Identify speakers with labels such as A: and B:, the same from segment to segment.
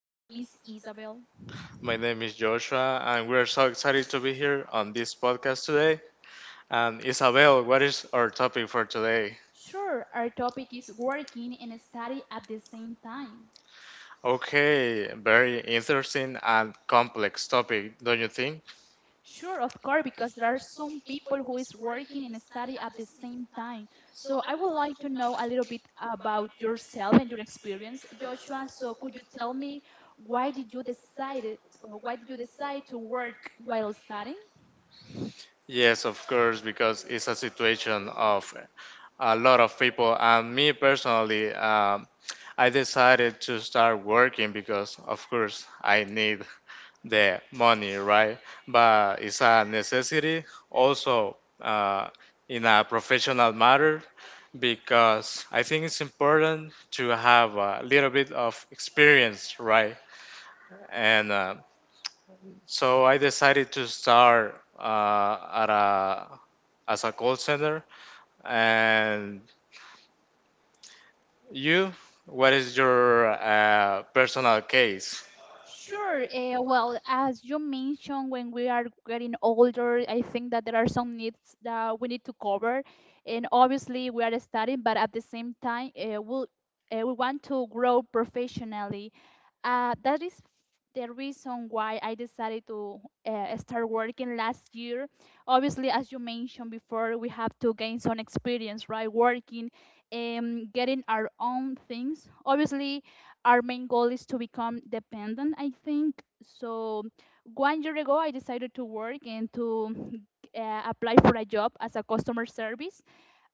A: My name is Isabel.
B: My name is Joshua, and we're so excited to be here on this podcast today. And Isabel, what is our topic for today?
A: Sure, our topic is working and study at the same time.
B: Okay, very interesting and complex topic, don't you think?
A: Sure, of course, because there are some people who is working and study at the same time. So I would like to know a little bit about yourself and your experience, Joshua. So could you tell me why did you decided or why did you decide to work while studying?
B: Yes, of course, because it's a situation of a lot of people, and me personally, I decided to start working because, of course, I need the money, right? But it's a necessity also in a professional matter because I think it's important to have a little bit of experience, right? And so I decided to start at a as a call center. And you, what is your personal case?
A: Sure. Well, as you mentioned, when we are getting older, I think that there are some needs that we need to cover, and obviously we are studying, but at the same time, we want to grow professionally. That is the reason why I decided to start working last year. Obviously, as you mentioned before, we have to gain some experience, right? Working and getting our own things. Obviously, our main goal is to become dependent, I think. So, one year ago, I decided to work and to apply for a job as a customer service.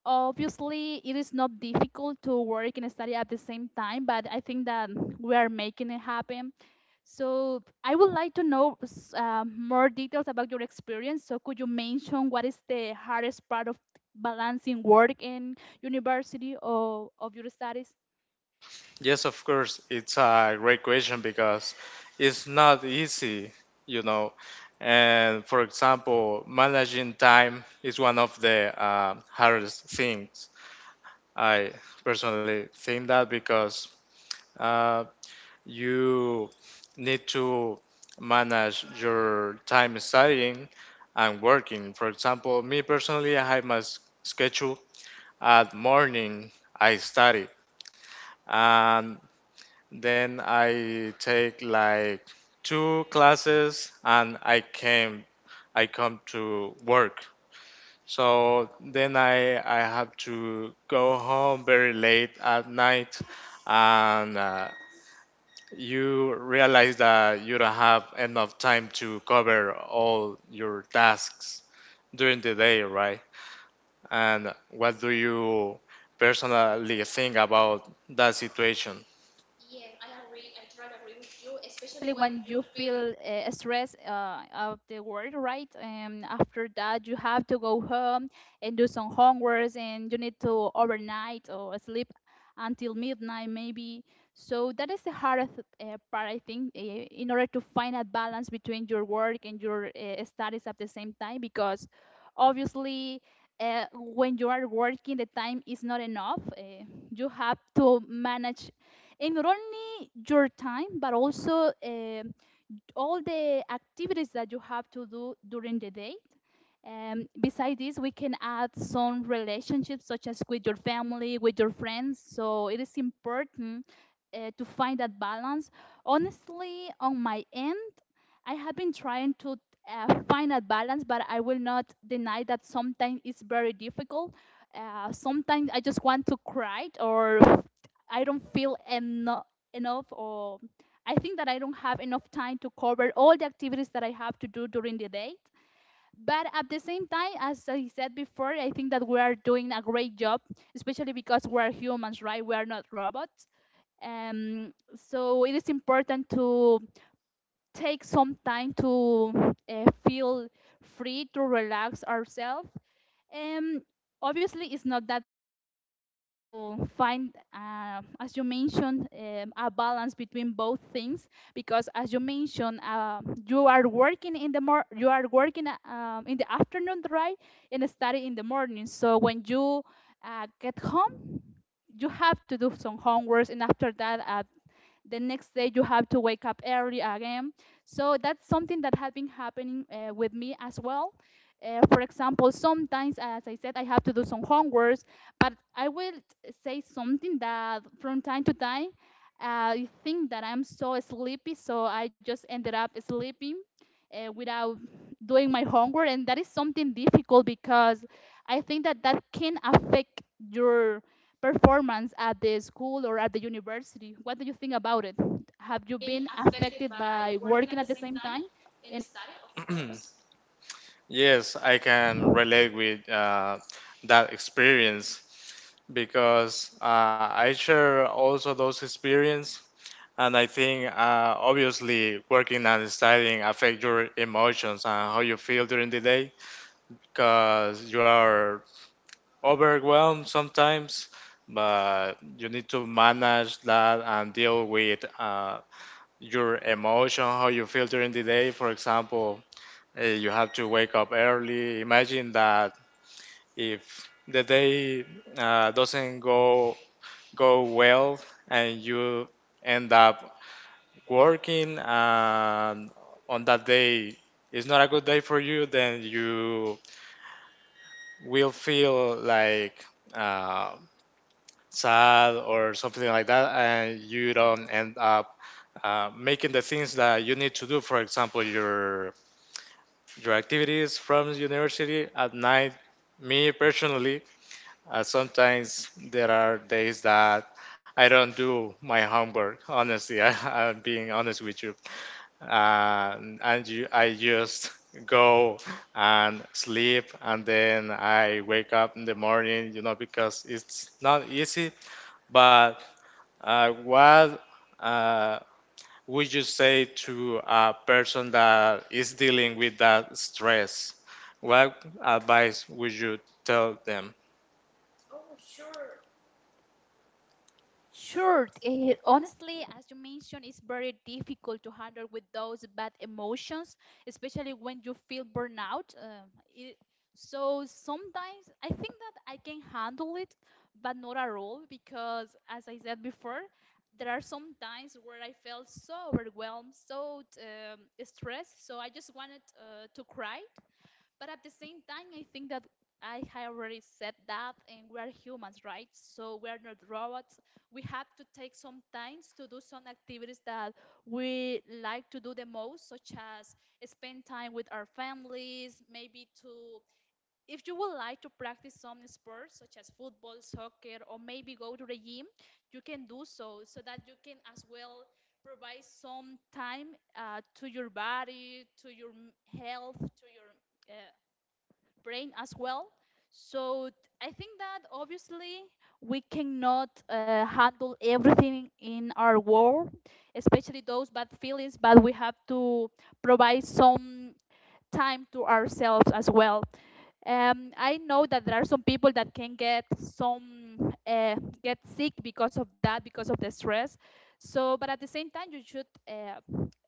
A: Obviously, it is not difficult to work and study at the same time, but I think that we are making it happen. So I would like to know more details about your experience. So could you mention what is the hardest part of balancing work and university, or of your studies,
B: Yes, of course. It's a great question because it's not easy, you know. And for example, managing time is one of the hardest things. I personally think that because uh, you need to manage your time studying and working. For example, me personally, I have my schedule at morning. I study and then I take like two classes, and I come to work. So then I have to go home very late at night, and you realize that you don't have enough time to cover all your tasks during the day, right? And what do you personally think about that situation?
A: especially when you feel stressed of the work, right? And after that, you have to go home and do some homeworks, and you need to overnight or sleep until midnight, maybe. So that is the hardest part, I think, in order to find a balance between your work and your studies at the same time, because obviously. When you are working, the time is not enough. You have to manage in order your time, but also all the activities that you have to do during the day. Besides this, we can add some relationships, such as with your family, with your friends. So it is important to find that balance. Honestly, on my end, I have been trying to find a balance, but I will not deny that sometimes it's very difficult. Sometimes I just want to cry, or I don't feel enough, or I think that I don't have enough time to cover all the activities that I have to do during the day. But at the same time, as I said before, I think that we are doing a great job, especially because we are humans, right? We are not robots. So it is important to take some time to feel free to relax ourselves. Um, Obviously, it's not that simple to find, as you mentioned, a balance between both things. Because as you mentioned, you are working in the you are working in the afternoon, right, and study in the morning. So when you get home, you have to do some homeworks, and after that, the next day you have to wake up early again. So that's something that has been happening with me as well. For example, sometimes, as I said, I have to do some homeworks, but I will say something that, from time to time, I think that I'm so sleepy, so I just ended up sleeping without doing my homework. And that is something difficult, because I think that that can affect your performance at the school or at the university. What do you think about it? Have you been affected by working at the same time? Any?
B: Yes, I can relate with that experience, because I share also those experience, and I think obviously working and studying affect your emotions and how you feel during the day because you are overwhelmed sometimes, but you need to manage that and deal with your emotion, how you feel during the day. For example, you have to wake up early. Imagine that if the day doesn't go well and you end up working, and on that day it's not a good day for you, then you will feel like uh, sad or something like that, and you don't end up making the things that you need to do, for example your activities from university at night. Me personally, sometimes there are days that I don't do my homework. Honestly, I'm being honest with you. And you, I just go and sleep, and then I wake up in the morning. You know, because it's not easy. But what uh, would you say to a person that is dealing with that stress? What advice would you tell them?
A: Sure. Honestly, as you mentioned, it's very difficult to handle with those bad emotions, especially when you feel burnout. It, so sometimes I think that I can handle it, but not at all, because, as I said before, there are some times where I felt so overwhelmed, so stressed, so I just wanted to cry. But at the same time, I think that I had already said that, and we are humans, right? So we are not robots. We have to take some times to do some activities that we like to do the most, such as spend time with our families, maybe to, if you would like to practice some sports, such as football, soccer, or maybe go to the gym, you can do so, so that you can as well provide some time to your body, to your health, to your uh, brain as well. So I think that obviously we cannot handle everything in our world, especially those bad feelings, but we have to provide some time to ourselves as well. I know that there are some people that can get some get sick because of that, because of the stress. So, but at the same time, you should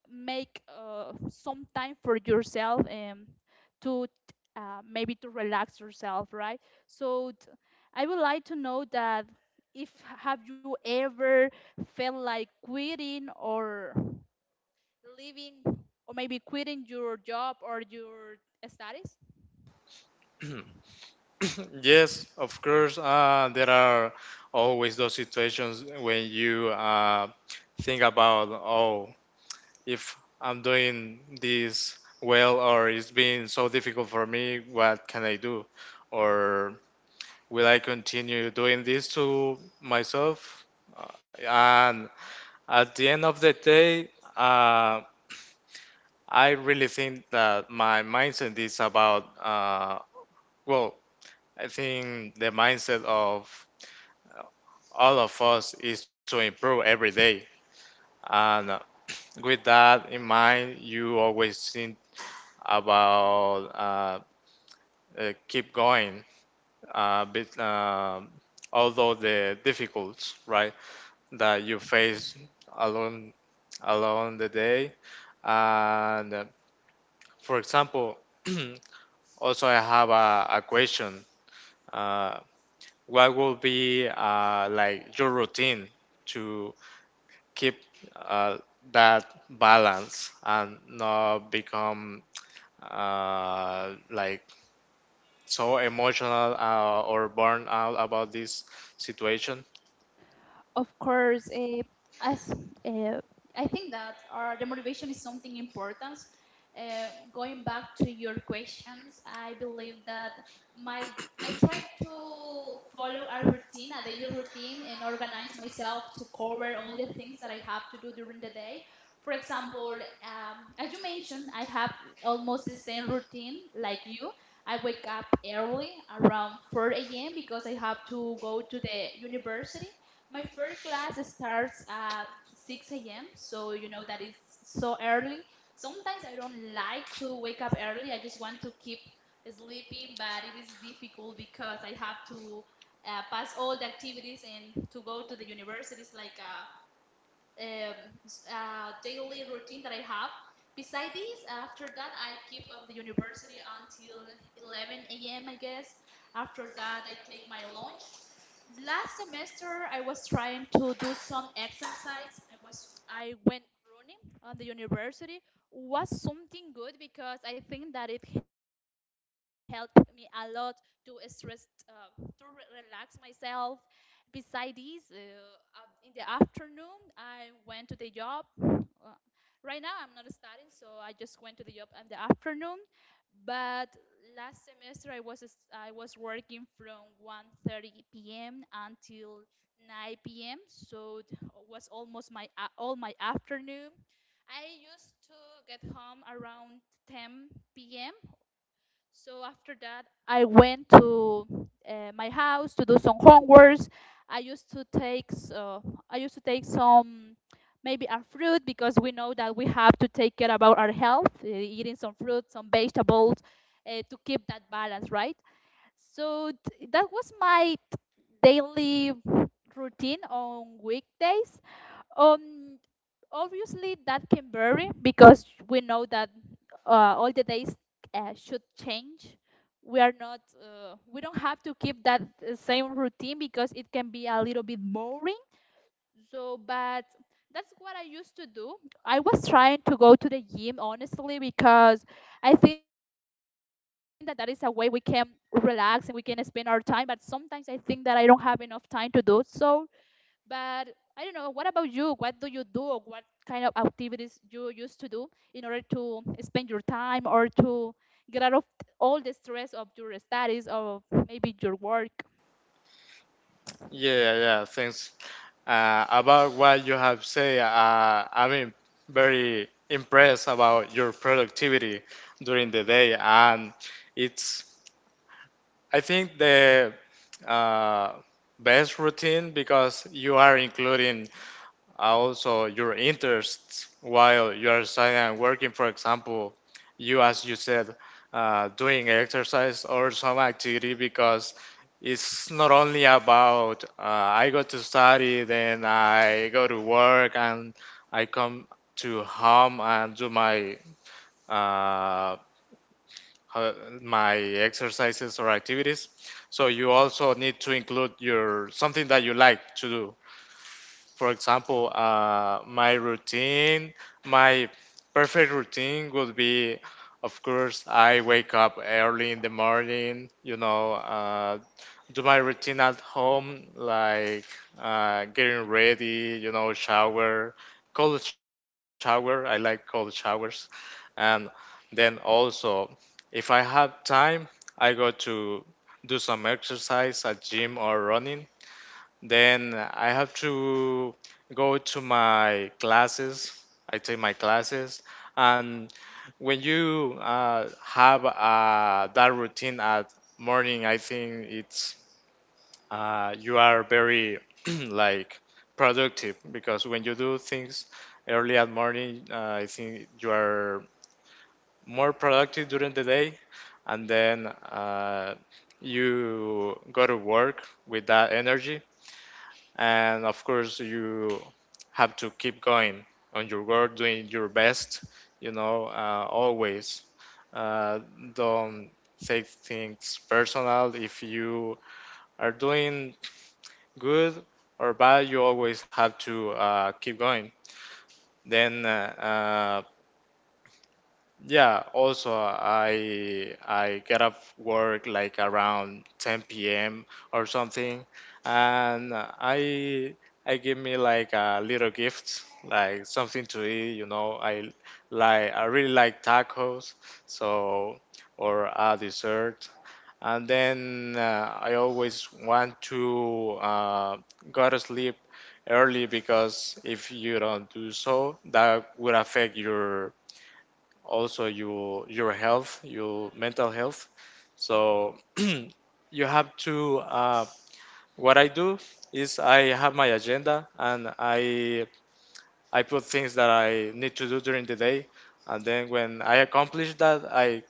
A: make some time for yourself to maybe to relax yourself, right? So, I would like to know that, if have you ever felt like quitting or leaving, or maybe quitting your job or your studies?
B: Yes, of course. There are always those situations when you think about, oh, if I'm doing this well or it's being so difficult for me, what can I do? Or will I continue doing this to myself? Uh, and at the end of the day, uh, I really think that my mindset is about, well, I think the mindset of all of us is to improve every day. And with that in mind, you always think about keep going, uh, bit, um although the difficulties, right, that you face along along the day. And for example, also I have a question. Uh, what will be like your routine to keep uh, that balance and not become like so emotional or burn out about this situation.
A: Of course. As uh, I think that our the motivation is something important. Going back to your questions, I believe that my I try to follow a routine, a daily routine, and organize myself to cover all the things that I have to do during the day. For example, as you mentioned, I have almost the same routine like you. I wake up early around 4 a.m. because I have to go to the university. My first class starts at 6 a.m., so you know that is so early. Sometimes I don't like to wake up early. I just want to keep sleeping, but it is difficult because I have to pass all the activities and to go to the university. It's like a, um, a daily routine that I have. Beside this, after that, I keep on the university until 11 a.m., I guess. After that, I take my lunch. Last semester I was trying to do some exercise. I went running on the university. Was something good, because I think that it helped me a lot to stress relax myself. Besides, this, in the afternoon I went to the job. Right now I'm not studying, so I just went to the job in the afternoon. But last semester I was working from 1:30 p.m. until 9 p.m. So it was almost all my afternoon. I used to get home around 10 p.m. So after that, I went to my house to do some homeworks. I used to take so I used to take some, maybe a fruit, because we know that we have to take care about our health, eating some fruit, some vegetables, to keep that balance, right? So that was my daily routine on weekdays. Um, Obviously that can vary, because we know that all the days should change. We are not, we don't have to keep that same routine, because it can be a little bit boring. So, but that's what I used to do. I was trying to go to the gym, honestly, because I think that that is a way we can relax and we can spend our time. But sometimes I think that I don't have enough time to do so, but I don't know. What about you? What do you do? Or what kind of activities you used to do in order to spend your time or to get out of all the stress of your studies or maybe your work?
B: Yeah, yeah, thanks. About what you have said, I mean, very impressed about your productivity during the day, and it's I think the uh, best routine, because you are including also your interests while you are studying and working. For example, you, as you said, doing exercise or some activity, because it's not only about I go to study, then I go to work, and I come to home and do my uh, ho- my exercises or activities. So you also need to include your something that you like to do. For example, my routine, my perfect routine would be, of course, I wake up early in the morning, you know, do my routine at home, like getting ready, you know, shower, cold shower. I like cold showers. And then also, if I have time, I go to do some exercise at gym or running. Then I have to go to my classes. I take my classes, and when you have that routine at morning, I think it's you are very like productive, because when you do things early at morning, I think you are more productive during the day, and then you go to work with that energy. And of course you have to keep going on your work, doing your best, you know, always. uh, don't take things personal. If you are doing good or bad, you always have to keep going. Then yeah, also I get up work like around 10 p.m. or something, and I give me like a little gift, like something to eat. You know, I really like tacos, so or a dessert. And then I always want to go to sleep early, because if you don't do so, that would affect your also your health, your mental health. So you have to. What I do is I have my agenda, and I put things that I need to do during the day, and then when I accomplish that, I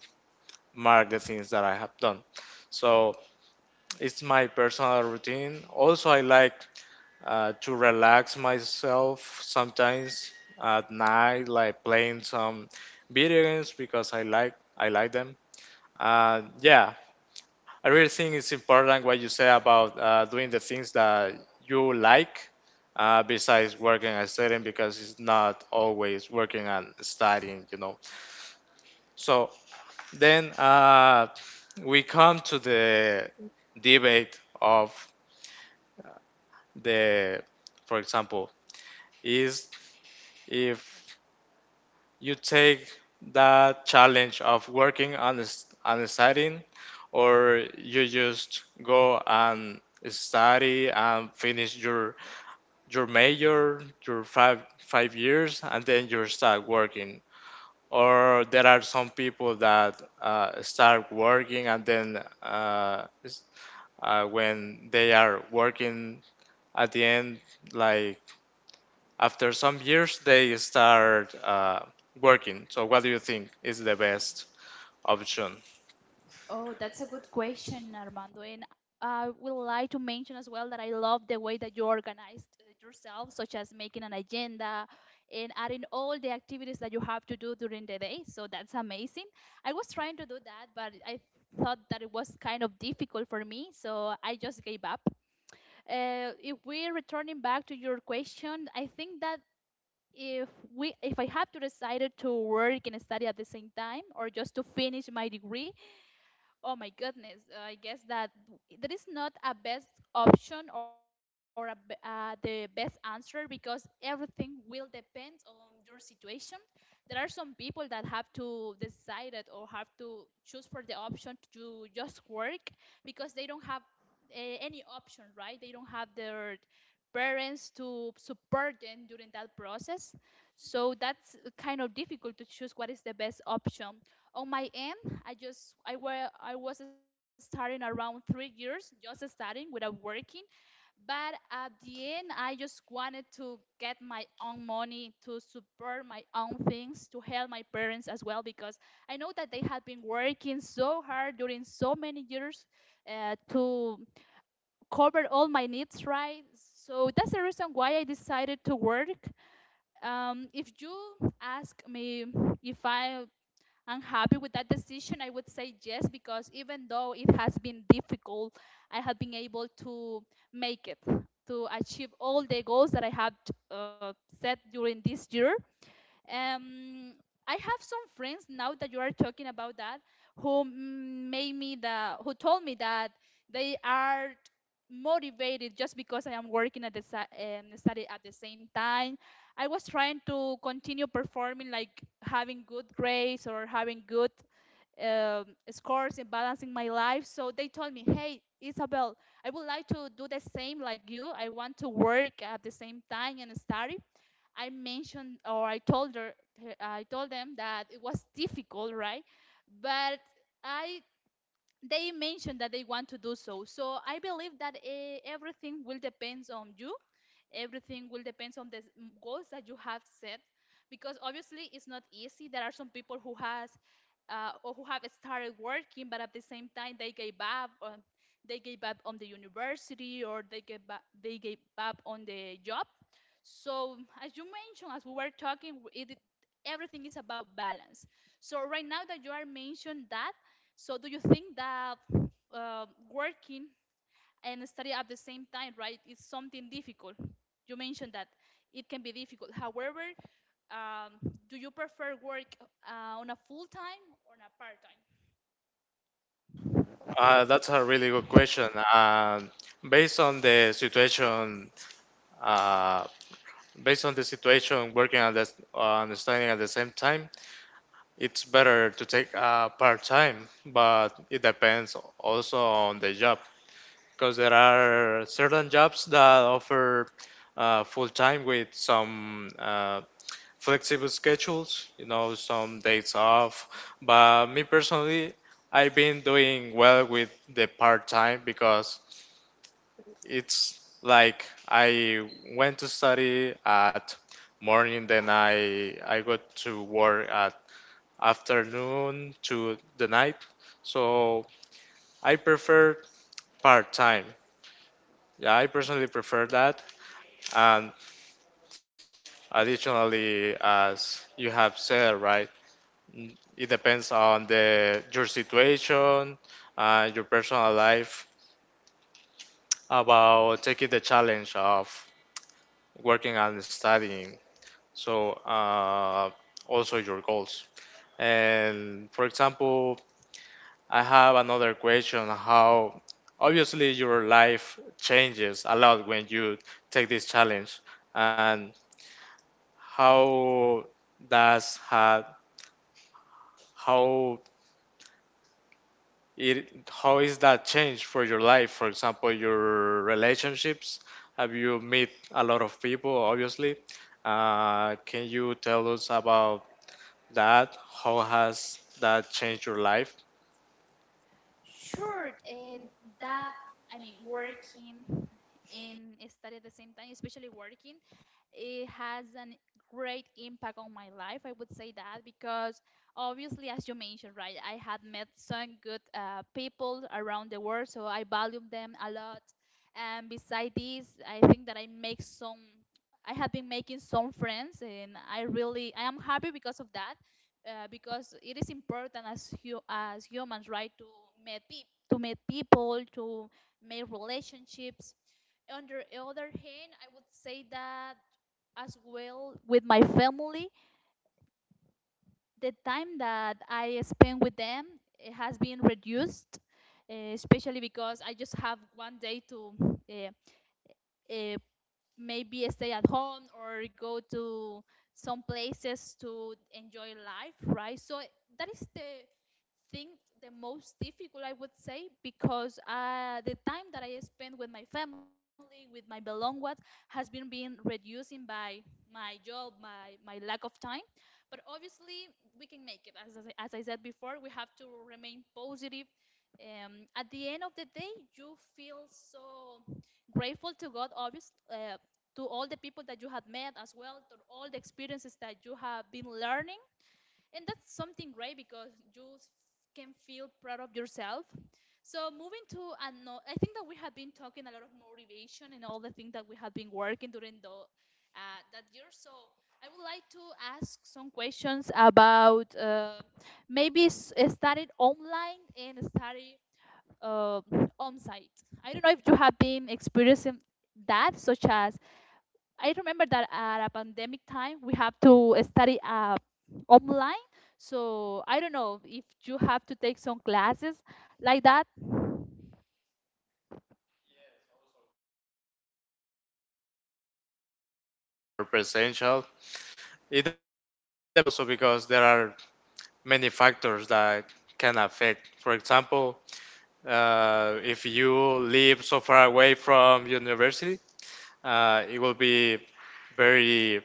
B: mark the things that I have done. So it's my personal routine. Also, I like to relax myself sometimes at night, like playing some video games because I like them. Yeah, I really think it's important what you say about doing the things that you like besides working and studying, because it's not always working and studying. So then we come to the debate of the, for example, is if you take that challenge of working on a setting, or you just go and study and finish your major, your five years, and then you start working. Or there are some people that start working, and then when they are working at the end, like after some years they start working. So what do you think is the best option?
A: Oh, that's a good question, Armando. And I would like to mention as well that I love the way that you organized yourself, such as making an agenda and adding all the activities that you have to do during the day. So that's amazing. I was trying to do that, but I thought that it was kind of difficult for me, so I just gave up. If we're returning back to your question, I think that if if I have to decide to work and study at the same time or just to finish my degree, oh my goodness, I guess that there is not a best option or the best answer, because everything will depend on your situation. There are some people that have to decide it or have to choose for the option to just work because they don't have any option, right? They don't have their parents to support them during that process, so that's kind of difficult to choose what is the best option. On my end, I just I were I was starting around 3 years just starting without working, but at the end I just wanted to get my own money to support my own things, to help my parents as well, because I know that they had been working so hard during so many years to cover all my needs, right? So that's the reason why I decided to work. If you ask me if I unhappy with that decision, I would say yes, because even though it has been difficult, I have been able to make it, to achieve all the goals that I have uh, set during this year. Um, I have some friends now that you are talking about, that who mm, made me the who told me that they are motivated just because I am working at the study at the same time. I was trying to continue performing, like having good grades or having good um, scores and balancing my life. So they told me, hey, Isabel, I would like to do the same like you. I want to work at the same time and study. I mentioned or I told her, I told them that it was difficult, right? But I they mentioned that they want to do so. So I believe that everything will depends on you. Everything will depends on the goals that you have set, because obviously it's not easy. There are some people who has or who have started working, but at the same time they gave up. On, they gave up on the university, or they gave up on the job. So as you mentioned, as we were talking, everything is about balance. So right now that you are mentioned that, so do you think that working and study at the same time, right, is something difficult? You mentioned that it can be difficult. However, um, do you prefer work on a full time or on a part time?
B: That's a really good question. Based on the situation, uh, based on the situation, working and studying at the same time, it's better to take part time. But it depends also on the job, because there are certain jobs that offer full time with some flexible schedules, you know, some days off. But me personally, I've been doing well with the part time, because it's like I went to study at morning, then I got to work at afternoon to the night. So I prefer part time. Yeah, I personally prefer that. And additionally, as you have said, right? Mm, it depends on the your situation, your personal life, about taking the challenge of working and studying. So also your goals. And for example, I have another question: how obviously your life changes a lot when you take this challenge, and how does ha- how it how is that changed for your life, for example your relationships. Have you met a lot of people? Obviously, can you tell us about that, how has that changed your life,
A: Sure, and that I mean working and study at the same time, especially working, it has a great impact on my life. I would say that because obviously, as you mentioned, right, I had met some good people around the world, so I value them a lot. And beside this, I think that I make some. I have been making some friends, and I am happy because of that, because it is important as as humans, right, to meet to meet people, to make relationships. On the other hand, I would say that as well with my family, the time that I spend with them, it has been reduced, especially because I just have one day to uh, uh, maybe stay at home or go to some places to enjoy life, right? So that is thing the most difficult, I would say, because the time that I spend with my family, with my belonged ones, has been being reducing by my job, my lack of time. But obviously, we can make it. As I said before, we have to remain positive. At the end of the day, you feel so grateful to God, obviously, to all the people that you have met as well, to all the experiences that you have been learning. And that's something great, because you can feel proud of yourself. So moving to another, I think that we have been talking a lot of motivation and all the things that we have been working during the that year. So I would like to ask some questions about maybe study online and study uh, on site. I don't know if you have been experiencing that, such as I remember that at a pandemic time we have to study online. So I don't know if you have to take some classes like that.
B: your potential? It depends also, because there are many factors that can affect. For example, if you live so far away from university, it will be very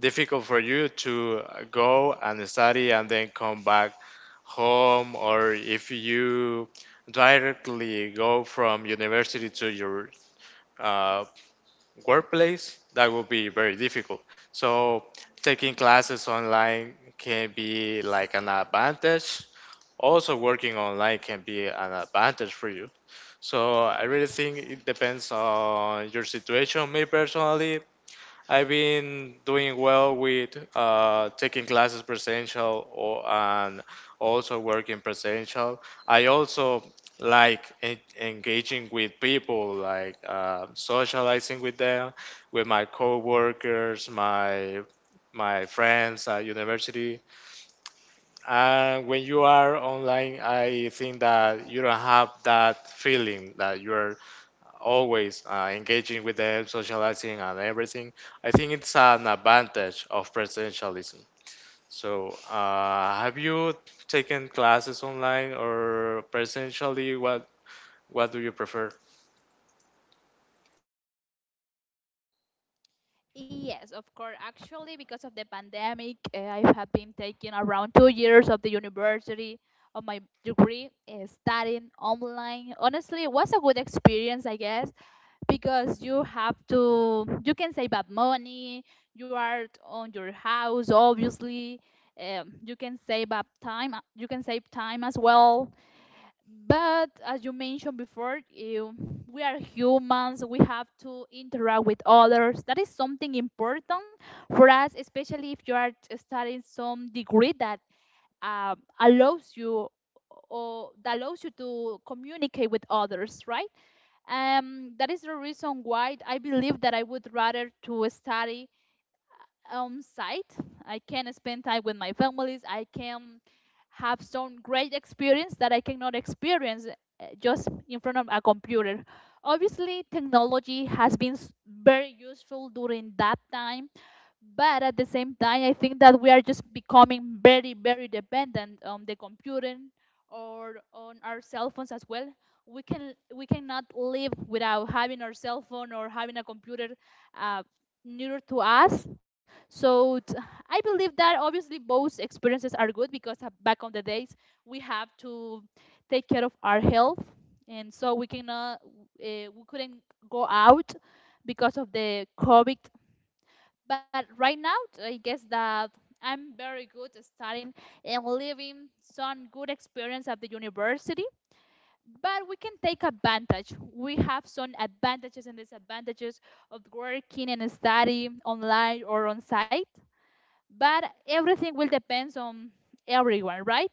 B: difficult for you to go and study and then come back home, or if you directly go from university to your uh, workplace, that will be very difficult. So taking classes online can be like an advantage, also working online can be an advantage for you. So I really think it depends on your situation. Me personally, I've been doing well with taking classes presential or, and also working presential. I also like engaging with people, like socializing with them, with my coworkers, my friends at university. And when you are online, I think that you don't have that feeling that you're always engaging with them, socializing, and everything. I think it's an advantage of presidentialism. So, have you taken classes online or presentially? What do you prefer?
A: Yes, of course. Actually, because of the pandemic, I have been taking around 2 years of the university of my degree, studying online. Honestly, it was a good experience, I guess, because you have to you can save up money, you are on your house, obviously. You can save up time, you can save time as well, but as you mentioned before, we are humans, we have to interact with others. That is something important for us, especially if you are studying some degree that uh, allows you allows you to communicate with others, right? That is the reason why I believe that I would rather to study on site. I can spend time with my families. I can have some great experience that I cannot experience just in front of a computer. Obviously, technology has been very useful during that time, but at the same time I think that we are just becoming very dependent on the computer or on our cell phones as well. We cannot live without having our cell phone or having a computer uh, nearer to us. So I believe that obviously both experiences are good, because back on the days we have to take care of our health, and so we couldn't go out because of the COVID. But right now, I guess that I'm very good at studying and living some good experience at the university. But we can take advantage. We have some advantages and disadvantages of working and study online or on site, but everything will depend on everyone, right?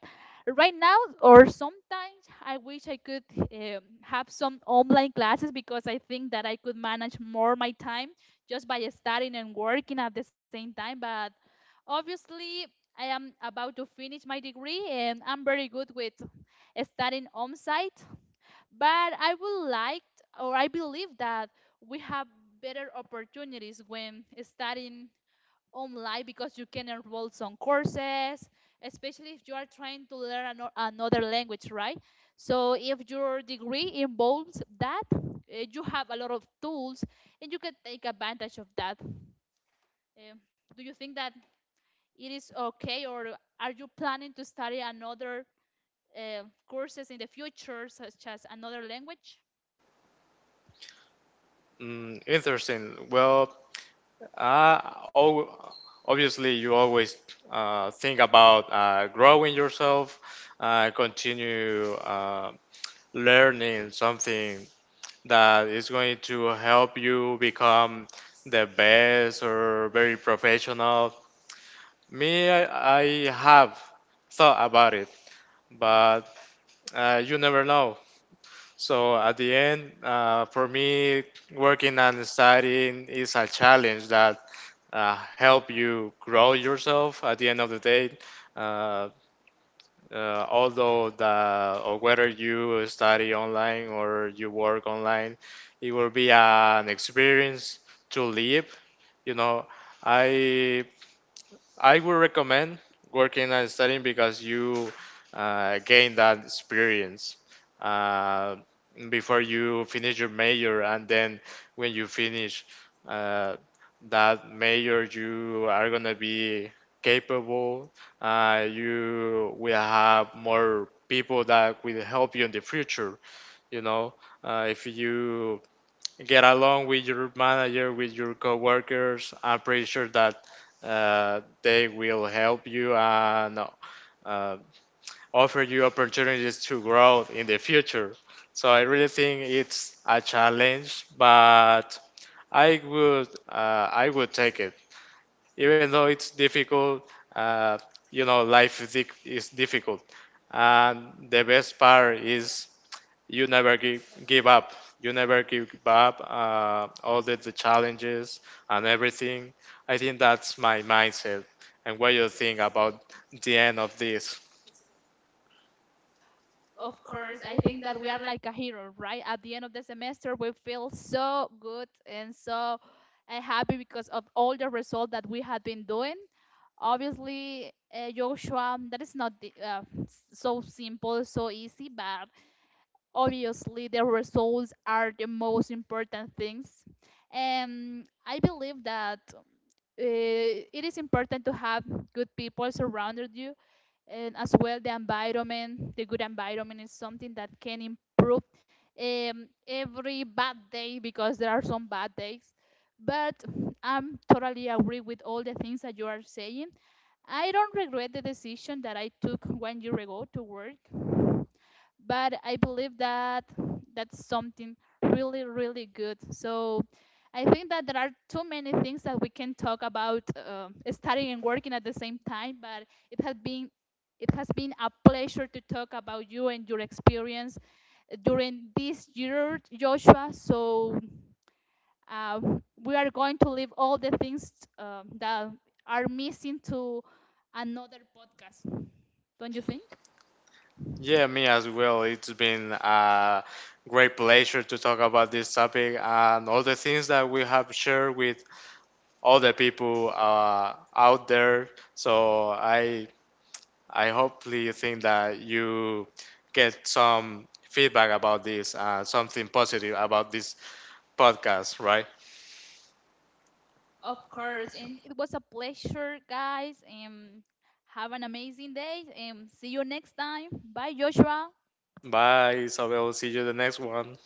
A: right now Or sometimes I wish I could have some online classes, because I think that I could manage more my time just by studying and working at the same time. But obviously, I am about to finish my degree and I'm very good with studying on site. But I would like, or I believe that we have better opportunities when studying online, because you can enroll some courses, especially if you are trying to learn another language, right? So if your degree involves that, you have a lot of tools and you can take advantage of that. Um, do you think that it is okay, or are you planning to study another uh, courses in the future, such as another language?
B: Mm, interesting. Well, uh, al- obviously, you always think about growing yourself, continue learning something that is going to help you become the best or very professional. Me, I have thought about it, but you never know. So at the end, for me, working and studying is a challenge that help you grow yourself. At the end of the day, uh, although the or whether you study online or you work online, it will be an experience to live. You know, I I would recommend working and studying, because you gain that experience uh, before you finish your major, and then when you finish uh, that major, you are gonna be capable. You will have more people that will help you in the future. You know, if you get along with your manager, with your coworkers. I'm pretty sure that they will help you, and uh, offer you opportunities to grow in the future. So I really think it's a challenge, but I would take it, even though it's difficult. Uh, Life is difficult, and the best part is you never give up. You never give up all the challenges and everything. I think that's my mindset. And what you think about the end of this?
A: Of course, I think that we are like a hero, right? At the end of the semester, we feel so good and so happy because of all the results that we had been doing. Obviously, Joshua, that is not the, so simple, so easy, but obviously, the results are the most important things. And I believe that it is important to have good people surrounded you, and as well the environment, the good environment is something that can improve every bad day, because there are some bad days. But I'm totally agree with all the things that you are saying. I don't regret the decision that I took one year ago to work, but I believe that that's something really, really good. So I think that there are too many things that we can talk about studying and working at the same time, but it has been it has been a pleasure to talk about you and your experience during this year, Joshua. So uh, we are going to leave all the things that are missing to another podcast. Don't you think?
B: Yeah, me as well. It's been a great pleasure to talk about this topic and all the things that we have shared with all the people out there. So I hopefully think that you get some feedback about this, something positive about this podcast, right?
A: Of course, and it was a pleasure, guys. And have an amazing day. And see you next time. Bye, Joshua.
B: Bye, Isabel. See you the next one.